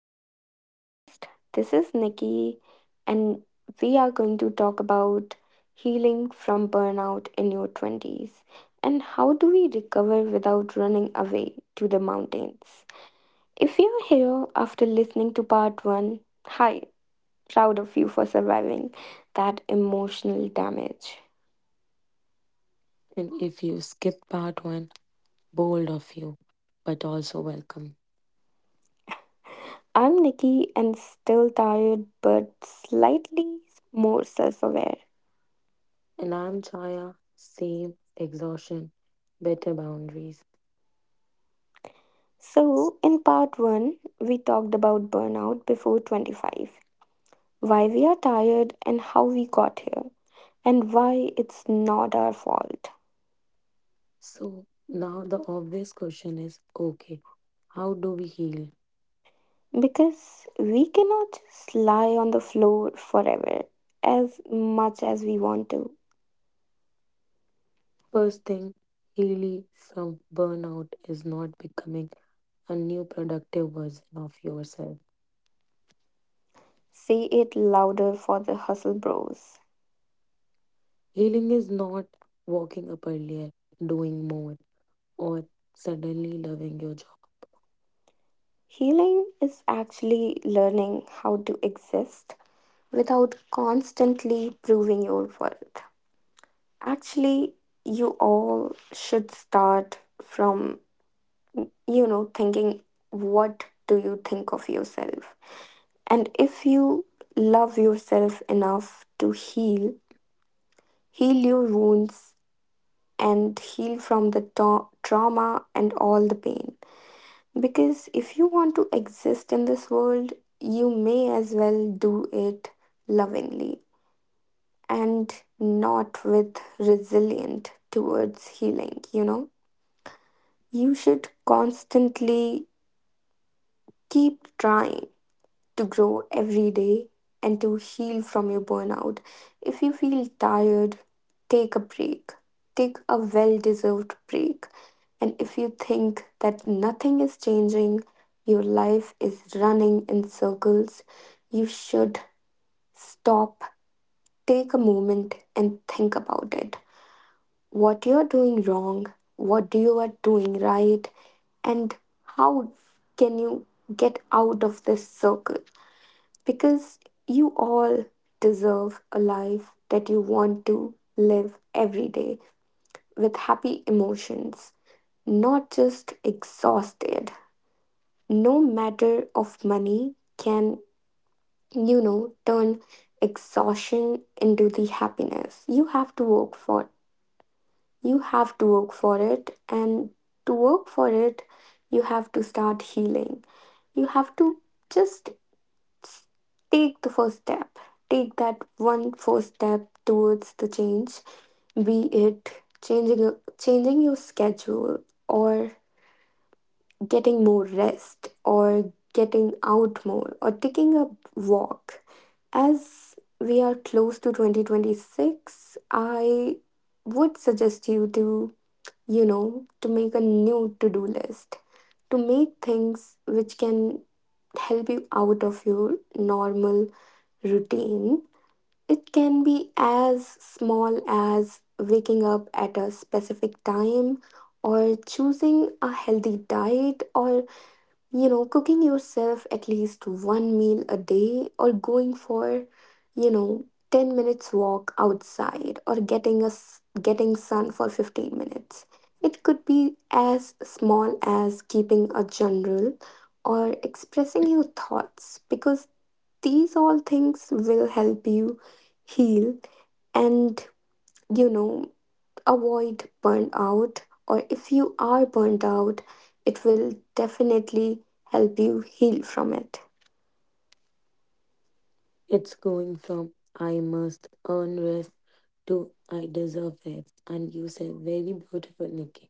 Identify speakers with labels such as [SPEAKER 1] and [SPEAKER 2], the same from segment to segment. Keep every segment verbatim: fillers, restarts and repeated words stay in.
[SPEAKER 1] to my podcast. This is Nikki, and we are going to talk about healing from burnout in your twenties and how do we recover without running away to the mountains. If you're here after listening to part one, hi, proud of you for surviving that emotional damage.
[SPEAKER 2] And if you skip part one, bold of you, but also welcome.
[SPEAKER 1] I'm Nikki and still tired but slightly more self aware.
[SPEAKER 2] And I'm Chaya, same exhaustion, better boundaries.
[SPEAKER 1] So, in part 1, we talked about burnout before twenty-five, why we are tired and how we got here, and why it's not our fault.
[SPEAKER 2] So now the obvious question is okay, how do we heal?
[SPEAKER 1] Because we cannot just lie on the floor forever as much as we want to.
[SPEAKER 2] First thing, healing from burnout is not becoming a new productive version of yourself.
[SPEAKER 1] Say it louder for the hustle bros.
[SPEAKER 2] Healing is not waking up earlier, doing more, or suddenly loving your job.
[SPEAKER 1] Healing is actually learning how to exist without constantly proving your worth. Actually, you all should start from, you know, thinking, what do you think of yourself? And if you love yourself enough to heal, heal your wounds and heal from the ta- trauma and all the pain. Because if you want to exist in this world, you may as well do it lovingly and not with resilient towards healing, you know? You should constantly keep trying to grow every day and to heal from your burnout. If you feel tired, take a break. Take a well deserved break. And if you think that nothing is changing, your life is running in circles, you should stop, take a moment, and think about it. What you're doing wrong, what do you are doing right, and how can you get out of this circle? Because you all deserve a life that you want to live every day with happy emotions, not just exhausted. No matter of money can, you know, turn exhaustion into the happiness. You have to work for You have to work for it, and to work for it, you have to start healing. You have to just s- take the first step, take that one first step towards the change, be it changing your- changing your schedule or getting more rest or getting out more or taking a walk. As we are close to twenty twenty-six, I would suggest you to you know, to make a new to do list, to make things which can help you out of your normal routine. It can be as small as waking up at a specific time or choosing a healthy diet or, you know, cooking yourself at least one meal a day or going for, you know, ten minutes walk outside or getting us getting sun for fifteen minutes. It could be as small as keeping a journal or expressing your thoughts because these all things will help you heal and, you know avoid burnout, or if you are burnt out, it will definitely help you heal from it.
[SPEAKER 2] It's going from I must earn rest to I deserve rest. And you said very beautiful, Nikki.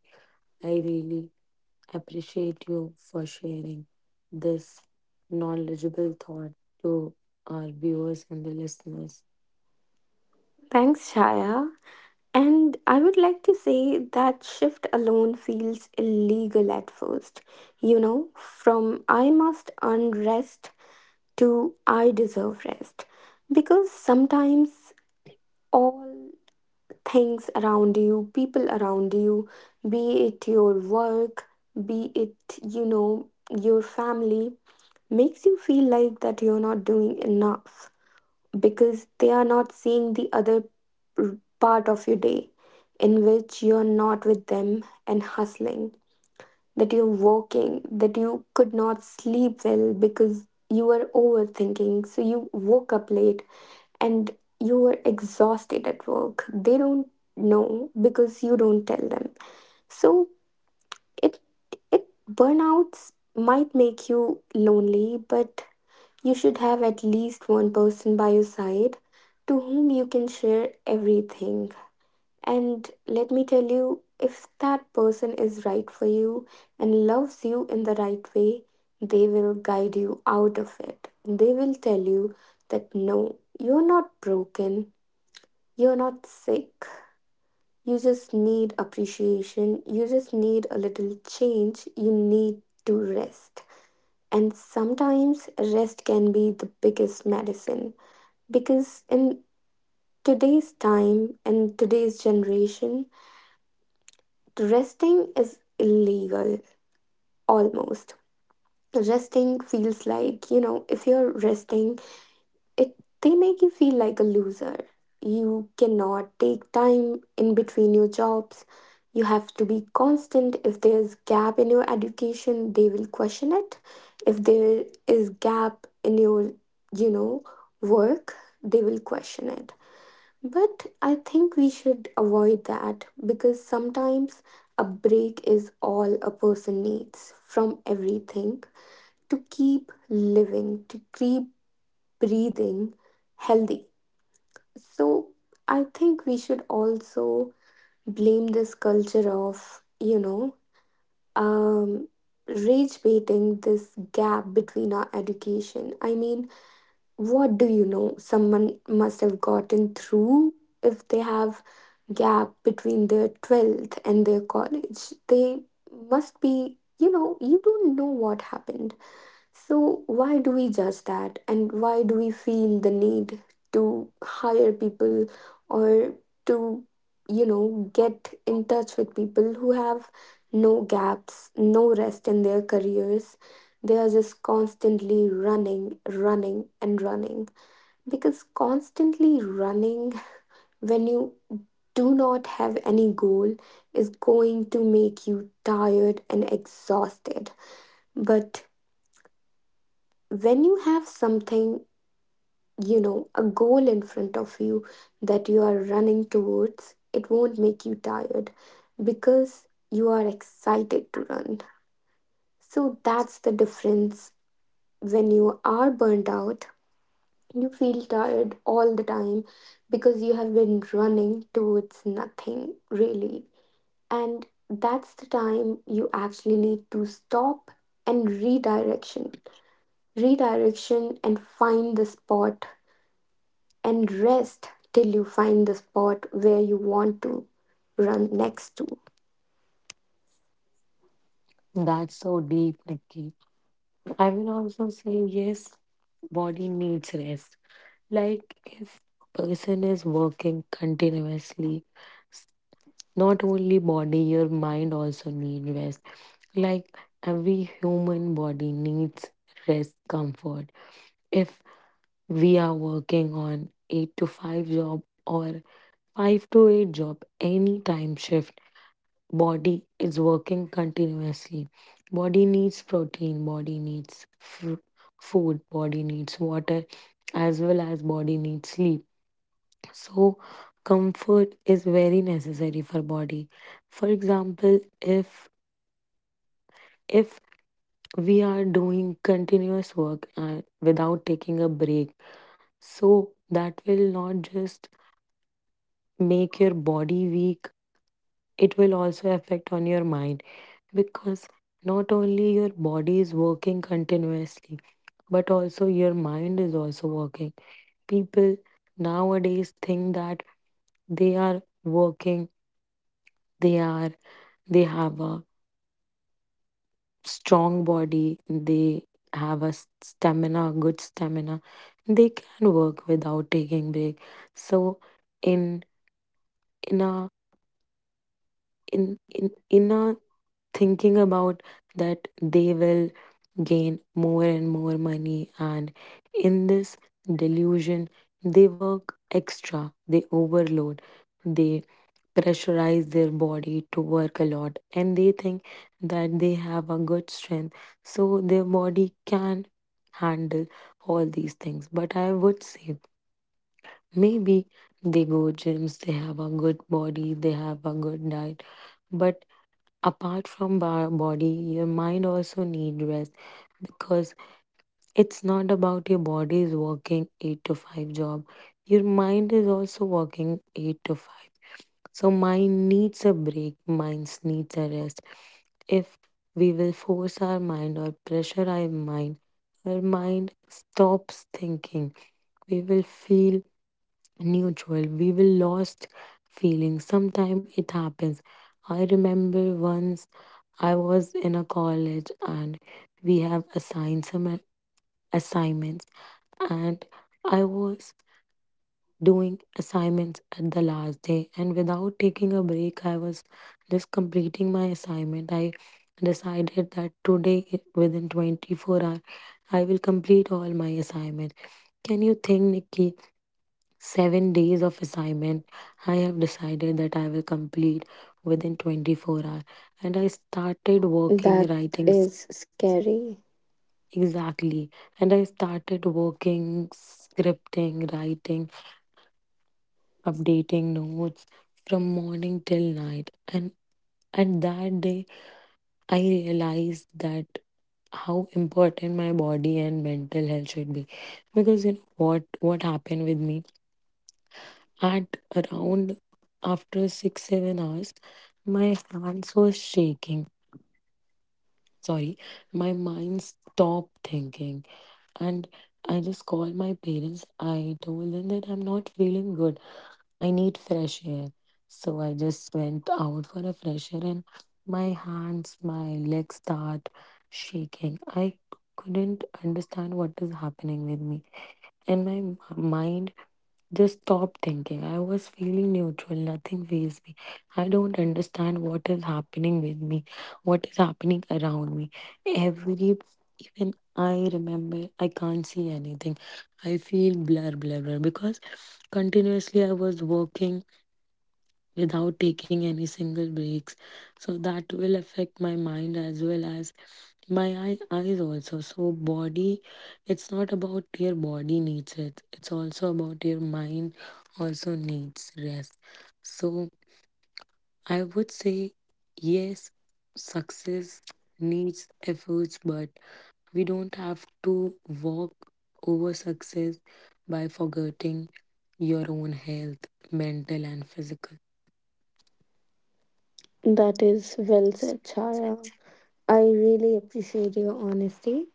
[SPEAKER 2] I really appreciate you for sharing this knowledgeable thought to our viewers and the listeners.
[SPEAKER 1] Thanks, Shaya. And I would like to say that shift alone feels illegal at first. You know, from I must earn rest to I deserve rest. Because sometimes all things around you, people around you, be it your work, be it, you know, your family, makes you feel like that you're not doing enough because they are not seeing the other r- part of your day in which you're not with them and hustling, that you're working, that you could not sleep well because you were overthinking. So you woke up late and you were exhausted at work. They don't know because you don't tell them, so it it burnouts might make you lonely, but you should have at least one person by your side to whom you can share everything. And let me tell you, if that person is right for you and loves you in the right way, they will guide you out of it. They will tell you that no, you're not broken, you're not sick. You just need appreciation. You just need a little change. You need to rest. And sometimes rest can be the biggest medicine because in today's time and today's generation, resting is illegal almost. Resting feels like, you know, if you're resting, it they make you feel like a loser. You cannot take time in between your jobs. You have to be constant. If there's gap in your education, they will question it. If there is gap in your, you know work, they will question it. But I think we should avoid that because sometimes a break is all a person needs from everything, to keep living, to keep breathing healthy. So I think we should also blame this culture of, you know, um, rage baiting this gap between our education. I mean, what do you know? Someone must have gotten through if they have gap between their twelfth and their college. They must be, you know, you don't know what happened. So, why do we judge that? And why do we feel the need to hire people or to, you know, get in touch with people who have no gaps, no rest in their careers? They are just constantly running, running, and running. Because constantly running, when you do not have any goal, is going to make you tired and exhausted. But when you have something, you know a goal in front of you that you are running towards, it won't make you tired because you are excited to run. So that's the difference. When you are burned out, you feel tired all the time because you have been running towards nothing really, and that's the time you actually need to stop and redirection redirection and find the spot and rest till you find the spot where you want to run next to.
[SPEAKER 2] That's so deep, Nikki. I will also say yes, body needs rest. Like if a person is working continuously, s- not only body, your mind also need rest. Like every human body needs rest, comfort. If we are working on eight to five job or five to eight job, any time shift, body is working continuously. Body needs protein, body needs fr- food, body needs water, as well as body needs sleep. So comfort is very necessary for body. For example, if if we are doing continuous work and without taking a break, so that will not just make your body weak, it will also affect on your mind because not only your body is working continuously, but also your mind is also working. People nowadays think that they are working, they are, they have a strong body, they have a s- stamina, good stamina. They can work without taking break. So in in a in in in a thinking about that they will gain more and more money, and in this delusion they work extra, they overload, they pressurize their body to work a lot and they think that they have a good strength so their body can handle all these things. But I would say maybe they go gyms, they have a good body, they have a good diet, but apart from our body, your mind also need rest, because it's not about your body is working eight to five job, your mind is also working eight to five. So mind needs a break, minds needs a rest. If we will force our mind or pressure our mind, our mind stops thinking. We will feel neutral. We will lost feeling. Sometimes it happens. I remember once I was in a college and we have assigned some a- assignments, and I was doing assignments at the last day, and without taking a break I was just completing my assignment. I decided that today i- within twenty-four hours I will complete all my assignment. Can you think, Nikki, seven days of assignment I have decided that I will complete within twenty-four hours, and I started working,
[SPEAKER 1] That
[SPEAKER 2] writing, s-
[SPEAKER 1] is scary.
[SPEAKER 2] exactly, and I started working, scripting, writing, updating notes from morning till night. And at that day, I realized that how important my body and mental health should be. Because you know what what happened with me, at around after six seven hours, my hands were shaking. Sorry, my mind stopped thinking, and I just called my parents. I told them that I'm not feeling good. I need fresh air. So I just went out for a fresh air and my hands, my legs start shaking. I couldn't understand what is happening with me. And my m- mind just stopped thinking. I was feeling neutral. Nothing fazed me. I don't understand what is happening with me, what is happening around me. Every even I remember I can't see anything. I feel blur blur blur because continuously I was working without taking any single breaks. So that will affect my mind as well as my eye, eyes also. So body, it's not about your body needs it. It's also about your mind also needs rest. So I would say yes, success needs efforts, but we don't have to walk over success by forgetting your own health, mental and physical.
[SPEAKER 1] That is well said, Chaya. I really appreciate your honesty.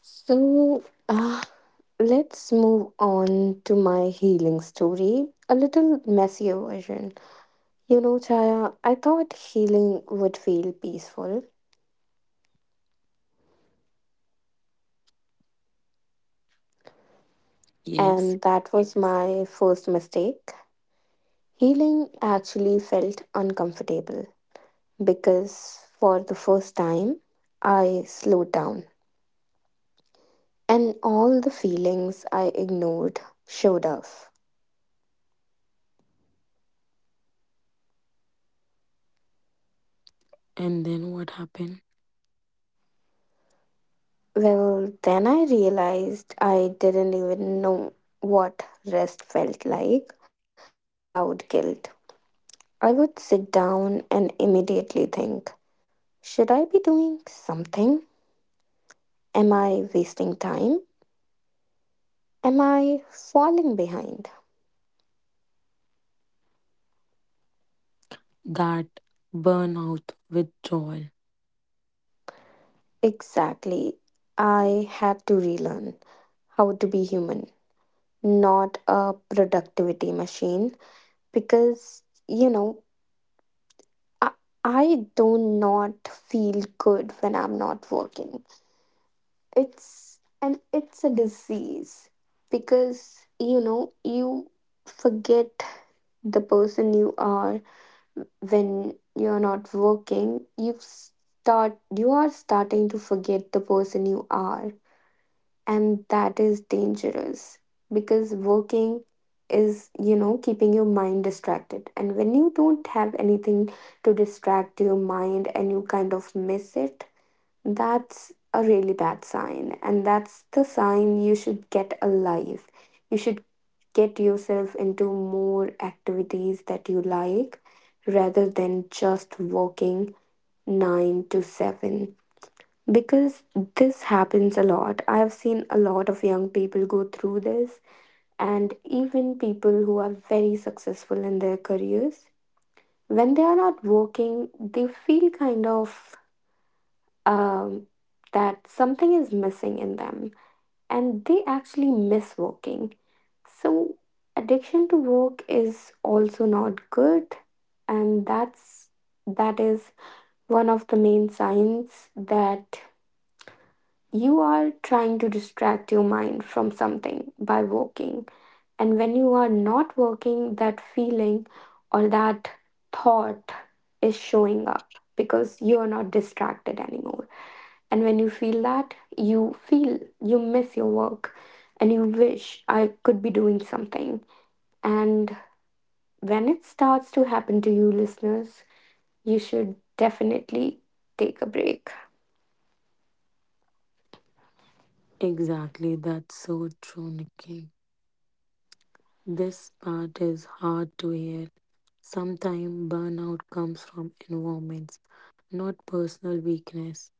[SPEAKER 1] So, uh, let's move on to my healing story, a little messier version. You know, Chaya, I thought healing would feel peaceful,
[SPEAKER 2] Yes.
[SPEAKER 1] and that was my first mistake. Healing actually felt uncomfortable, because for the first time, I slowed down and all the feelings I ignored showed up.
[SPEAKER 2] And then what happened?
[SPEAKER 1] Well, then I realized I didn't even know what rest felt like without guilt. I would sit down and immediately think, should I be doing something? Am I wasting time? Am I falling behind?
[SPEAKER 2] That burnout withdrawal.
[SPEAKER 1] Exactly. I had to relearn how to be human, not a productivity machine, because you know I, I do not feel good when I'm not working. It's, and it's a disease, because you know you forget the person you are when you're not working. You start you are starting to forget the person you are, and that is dangerous because working is, you know, keeping your mind distracted, and when you don't have anything to distract your mind and you kind of miss it, that's a really bad sign, and that's the sign you should get alive. You should get yourself into more activities that you like rather than just working nine to seven, because this happens a lot. I've seen a lot of young people go through this, and even people who are very successful in their careers. When they are not working, they feel kind of, um, that something is missing in them, and they actually miss working. So, addiction to work is also not good, and that's that is one of the main signs that you are trying to distract your mind from something by working. And when you are not working, that feeling or that thought is showing up because you are not distracted anymore. And when you feel that, you feel you miss your work and you wish I could be doing something. And when it starts to happen to you, listeners, you should definitely take a break.
[SPEAKER 2] Exactly, that's so true, Nikki. This part is hard to hear. Sometimes burnout comes from environments, not personal weakness.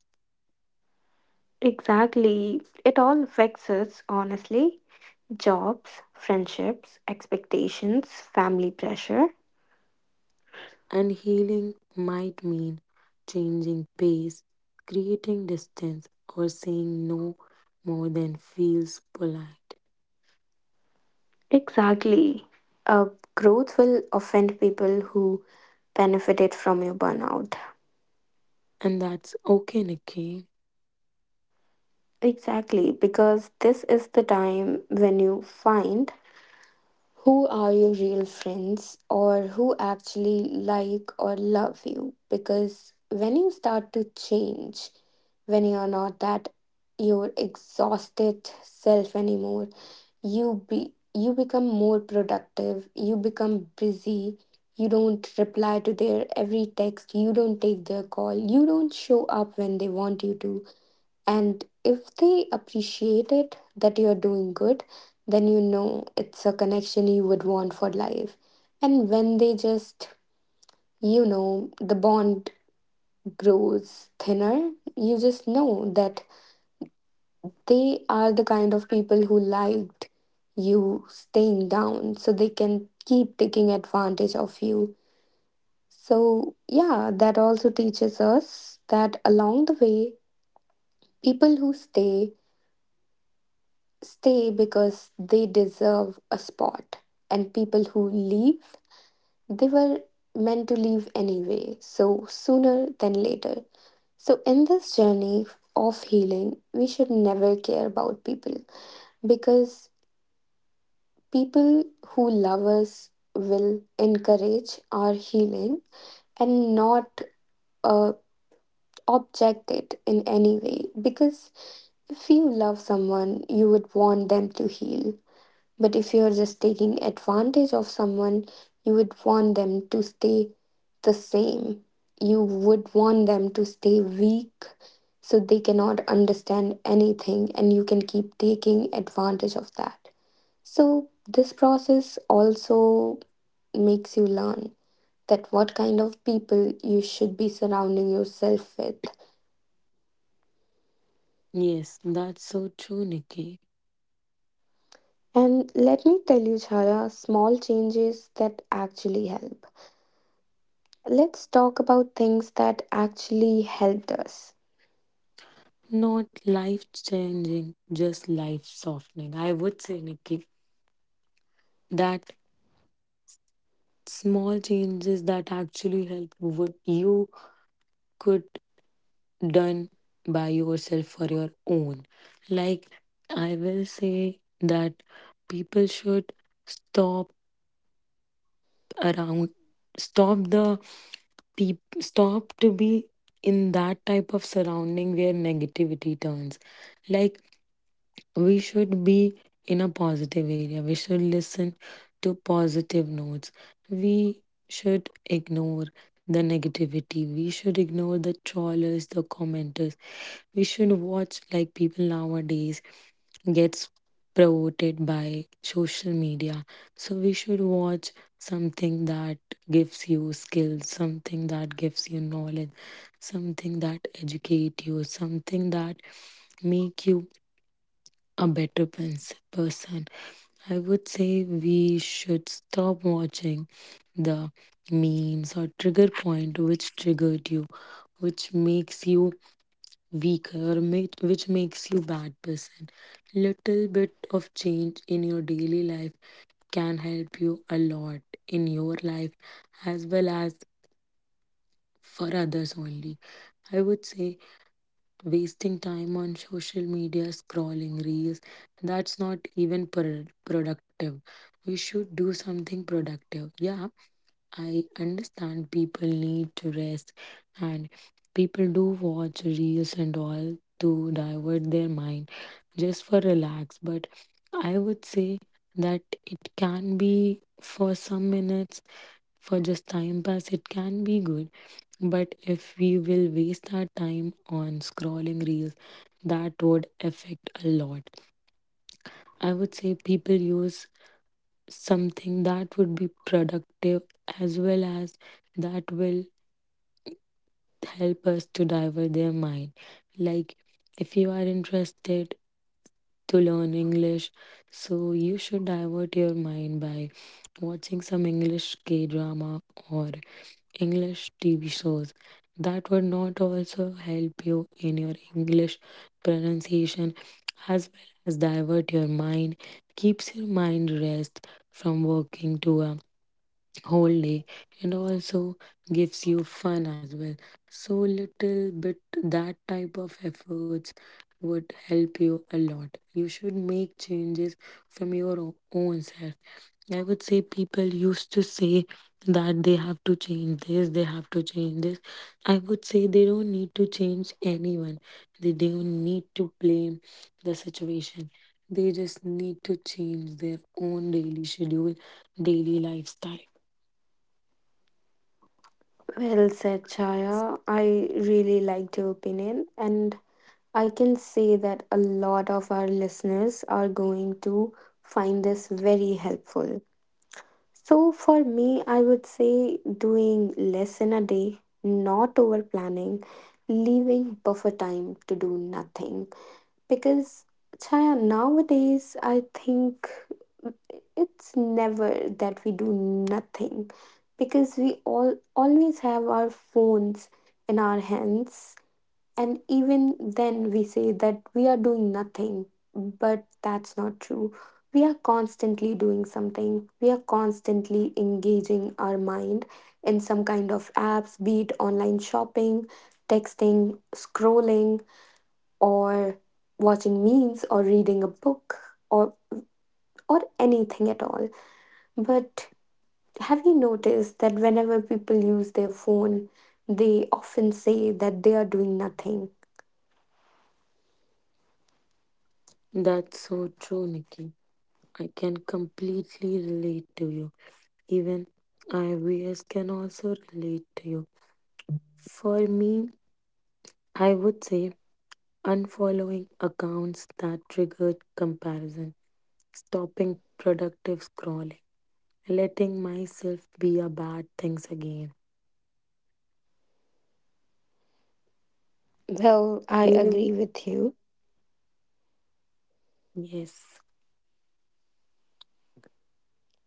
[SPEAKER 1] Exactly. It all affects us, honestly. Jobs, friendships, expectations, family pressure.
[SPEAKER 2] And healing might mean changing pace, creating distance, or saying no more than feels polite.
[SPEAKER 1] Exactly. Uh, growth will offend people who benefited from your burnout.
[SPEAKER 2] And that's okay, Nikki.
[SPEAKER 1] Exactly, because this is the time when you find who are your real friends or who actually like or love you. Because when you start to change, when you are not that your exhausted self anymore, you be you become more productive, you become busy, you don't reply to their every text, you don't take their call, you don't show up when they want you to. And if they appreciate it that you're doing good, then you know it's a connection you would want for life. And when they just, you know the bond grows thinner, you just know that they are the kind of people who liked you staying down so they can keep taking advantage of you. So, yeah, that also teaches us that along the way, people who stay stay because they deserve a spot, and people who leave, they were meant to leave anyway, so sooner than later. So, in this journey of healing, we should never care about people because people who love us will encourage our healing and not, uh, object it in any way. Because if you love someone, you would want them to heal. But if you're just taking advantage of someone, you would want them to stay the same. You would want them to stay weak so they cannot understand anything, and you can keep taking advantage of that. So, this process also makes you learn that what kind of people you should be surrounding yourself with.
[SPEAKER 2] Yes, that's so true, Nikki.
[SPEAKER 1] And let me tell you, Chaya, small changes that actually help. Let's talk about things that actually helped us.
[SPEAKER 2] Not life changing, just life softening. I would say, Nikki, that small changes that actually help what you could done by yourself for your own. Like I will say that people should stop around stop the peop stop to be in that type of surrounding where negativity turns. Like we should be in a positive area. We should listen to positive notes. We should ignore the negativity. We should ignore the trawlers, the commenters. We should watch, like, people nowadays gets promoted by social media. So we should watch something that gives you skills, something that gives you knowledge, something that educate you, something that make you a better pers- person. I would say we should stop watching the memes or trigger point which triggered you, which makes you weaker, or ma- which makes you bad person. Little bit of change in your daily life can help you a lot in your life as well as for others only. I would say wasting time on social media scrolling reels, that's not even pro- productive. We should do something productive. Yeah, I understand people need to rest, and people do watch reels and all to divert their mind just for relax. But I would say that it can be for some minutes, for just time pass it can be good. But if we will waste our time on scrolling reels, that would affect a lot. I would say people use something that would be productive as well as that will help us to divert their mind. Like if you are interested to learn English, so you should divert your mind by watching some English K drama or English T V shows that would not also help you in your English pronunciation as well as divert your mind, keeps your mind rest from working to a whole day, and also gives you fun as well. So little bit that type of efforts would help you a lot. You should make changes from your o- own self. I would say people used to say that they have to change this, they have to change this. I would say they don't need to change anyone. They don't need to blame the situation. They just need to change their own daily schedule, daily lifestyle.
[SPEAKER 1] Well said, Chaya. I really liked your opinion, and I can say that a lot of our listeners are going to find this very helpful. So for me, I would say doing less in a day, not over planning, leaving buffer time to do nothing. Because Chaya, nowadays I think it's never that we do nothing, because we all always have our phones in our hands, and even then, we say that we are doing nothing, but that's not true. We are constantly doing something, we are constantly engaging our mind in some kind of apps, be it online shopping, texting, scrolling, or watching memes, or reading a book, or or anything at all. But have you noticed that whenever people use their phone, they often say that they are doing nothing?
[SPEAKER 2] That's so true, Nikki. I can completely relate to you. Even I B S can also relate to you. For me, I would say unfollowing accounts that triggered comparison, stopping productive scrolling, letting myself be a bad things again.
[SPEAKER 1] Well, I agree
[SPEAKER 2] Healing,
[SPEAKER 1] with you.
[SPEAKER 2] yes.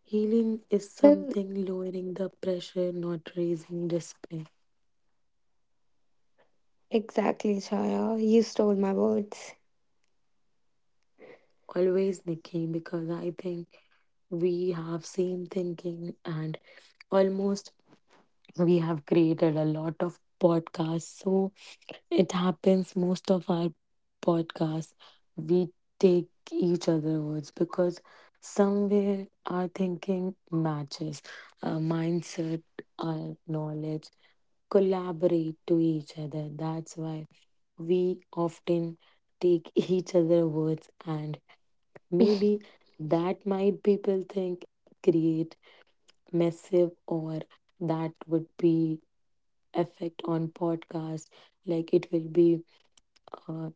[SPEAKER 2] Healing is
[SPEAKER 1] Well,
[SPEAKER 2] something lowering the pressure, not raising discipline.
[SPEAKER 1] exactly, Chaya. You stole my words.
[SPEAKER 2] Always, Nikki, because I think we have same thinking and almost we have created a lot of podcasts. So it happens most of our podcasts. We take each other words because somewhere our thinking matches, our mindset, our knowledge collaborate to each other. That's why we often take each other words, and maybe that might people think create massive, or that would be effect on podcast, like it will be uh,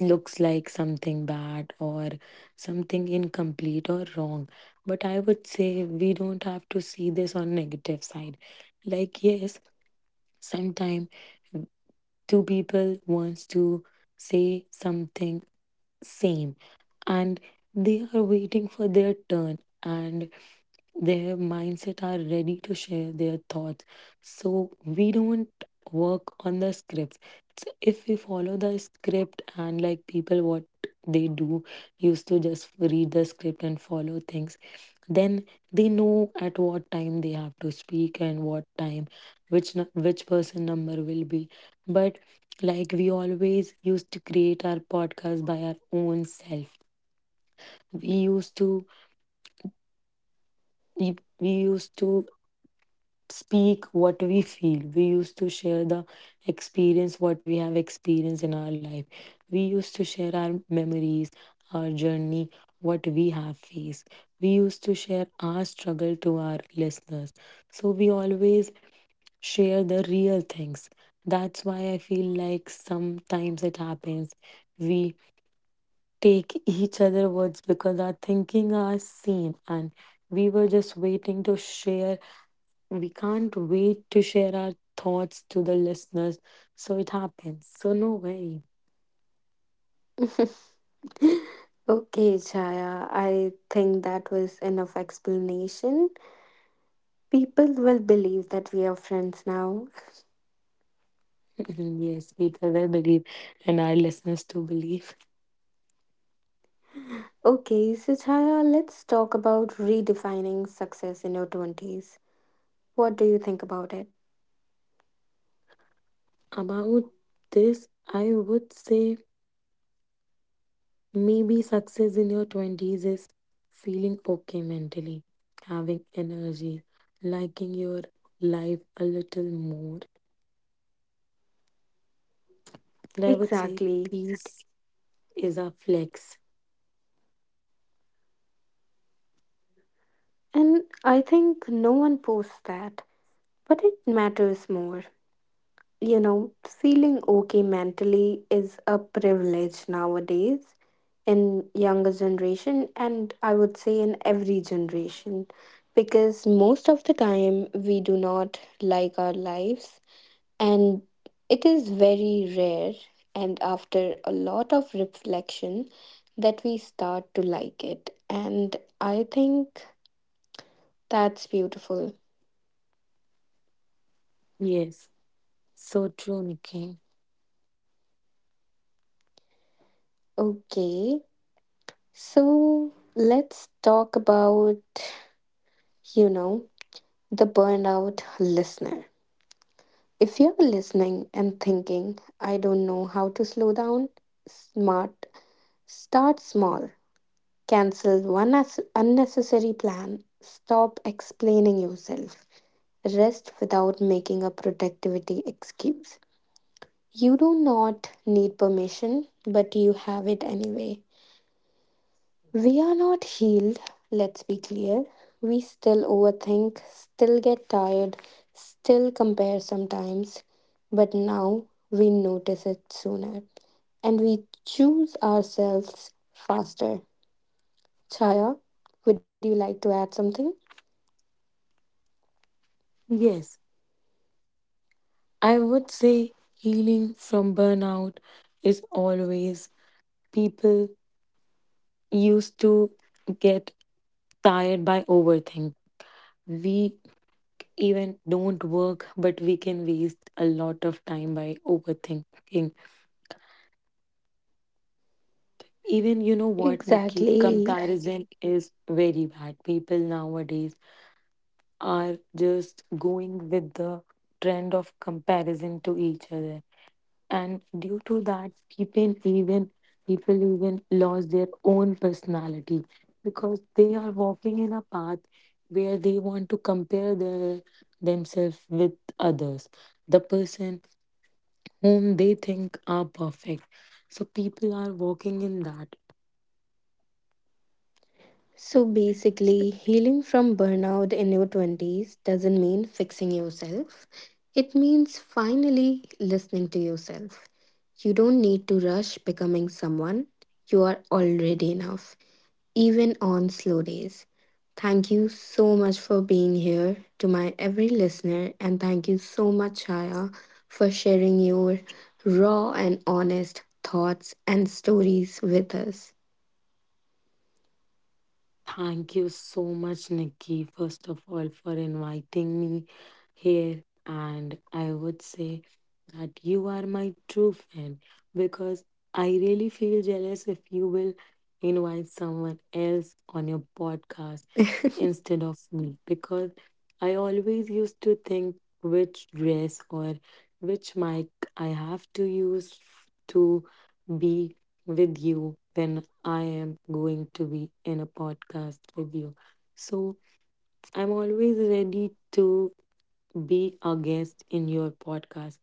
[SPEAKER 2] looks like something bad or something incomplete or wrong. But I would say we don't have to see this on negative side. Like yes, sometime two people wants to say something same, and they are waiting for their turn and their mindset are ready to share their thoughts. So we don't work on the scripts. So if we follow the script and like people what they do used to just read the script and follow things, then they know at what time they have to speak and what time which nu- which person number will be. But like we always used to create our podcast by our own self. We used to we we used to speak what we feel. We used to share the experience, what we have experienced in our life. We used to share our memories, our journey, what we have faced. We used to share our struggle to our listeners. So we always share the real things. That's why I feel like sometimes it happens. We take each other words because our thinking are same, and we were just waiting to share, we can't wait to share our thoughts to the listeners. So it happens. So no worry.
[SPEAKER 1] Okay, Chaya, I think that was enough explanation. People will believe that we are friends now.
[SPEAKER 2] Yes, people will believe, and our listeners too believe.
[SPEAKER 1] Okay, so Chaya, let's talk about redefining success in your twenties. What do you think about it?
[SPEAKER 2] About this, I would say maybe success in your twenties is feeling okay mentally, having energy, liking your life a little more. And I would say
[SPEAKER 1] Exactly.
[SPEAKER 2] peace is a flex.
[SPEAKER 1] And I think no one posts that, but it matters more. You know, feeling okay mentally is a privilege nowadays in younger generation, and I would say in every generation, because most of the time we do not like our lives, and it is very rare and after a lot of reflection that we start to like it, and I think that's beautiful.
[SPEAKER 2] Yes. So true, Nikki.
[SPEAKER 1] Okay. So let's talk about, you know, the burnout listener. If you're listening and thinking, I don't know how to slow down, smart, start small. Cancel one as- unnecessary plan. Stop explaining yourself. Rest without making a productivity excuse. You do not need permission, but you have it anyway. We are not healed, let's be clear. We still overthink, still get tired, still compare sometimes, but now we notice it sooner and we choose ourselves faster. Chaya, would you like to add something?
[SPEAKER 2] Yes. I would say healing from burnout is always, people used to get tired by overthink. We even don't work, but we can waste a lot of time by overthinking. Even you know what, Nikki,
[SPEAKER 1] Exactly.
[SPEAKER 2] comparison, exactly, is very bad. People nowadays are just going with the trend of comparison to each other, and due to that people even, people even lost their own personality, because they are walking in a path where they want to compare their themselves with others, the person whom they think are perfect, so people are walking in that.
[SPEAKER 1] So
[SPEAKER 2] So,
[SPEAKER 1] basically, healing from burnout in your twenties doesn't mean fixing yourself. It means finally listening to yourself. You don't need to rush becoming someone. You are already enough, even on slow days. Thank you so much for being here to my every listener, and thank you so much, Chaya, for sharing your raw and honest thoughts and stories with us.
[SPEAKER 2] thank you so much, Nikki, first of all, for inviting me here. And I would say that you are my true fan because I really feel jealous if you will invite someone else on your podcast instead of me, because I always used to think which dress or which mic I have to use f- to be with you when I am going to be in a podcast with you. So I'm always ready to be a guest in your podcast.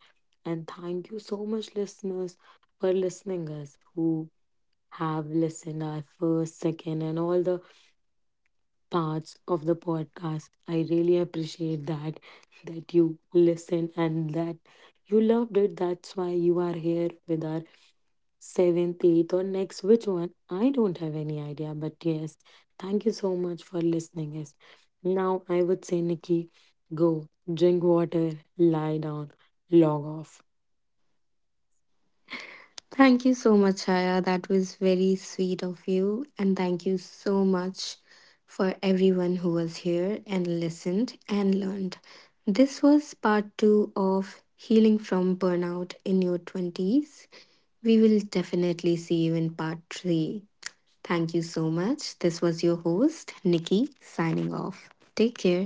[SPEAKER 2] And thank you so much, listeners, for listening us who have listened our first, second, and all the parts of the podcast. I really appreciate that that you listen and that you loved it. That's why you are here with our seventh, eighth, or next which one? I don't have any idea. But yes, thank you so much for listening. Yes. Now I would say, Nikki, go drink water, lie down, log off.
[SPEAKER 1] Thank you so much, Shaya. That was very sweet of you. And thank you so much for everyone who was here and listened and learned. This was part two of Healing from Burnout in Your twenties. We will definitely see you in part three. Thank you so much. This was your host, Nikki, signing off. Take care.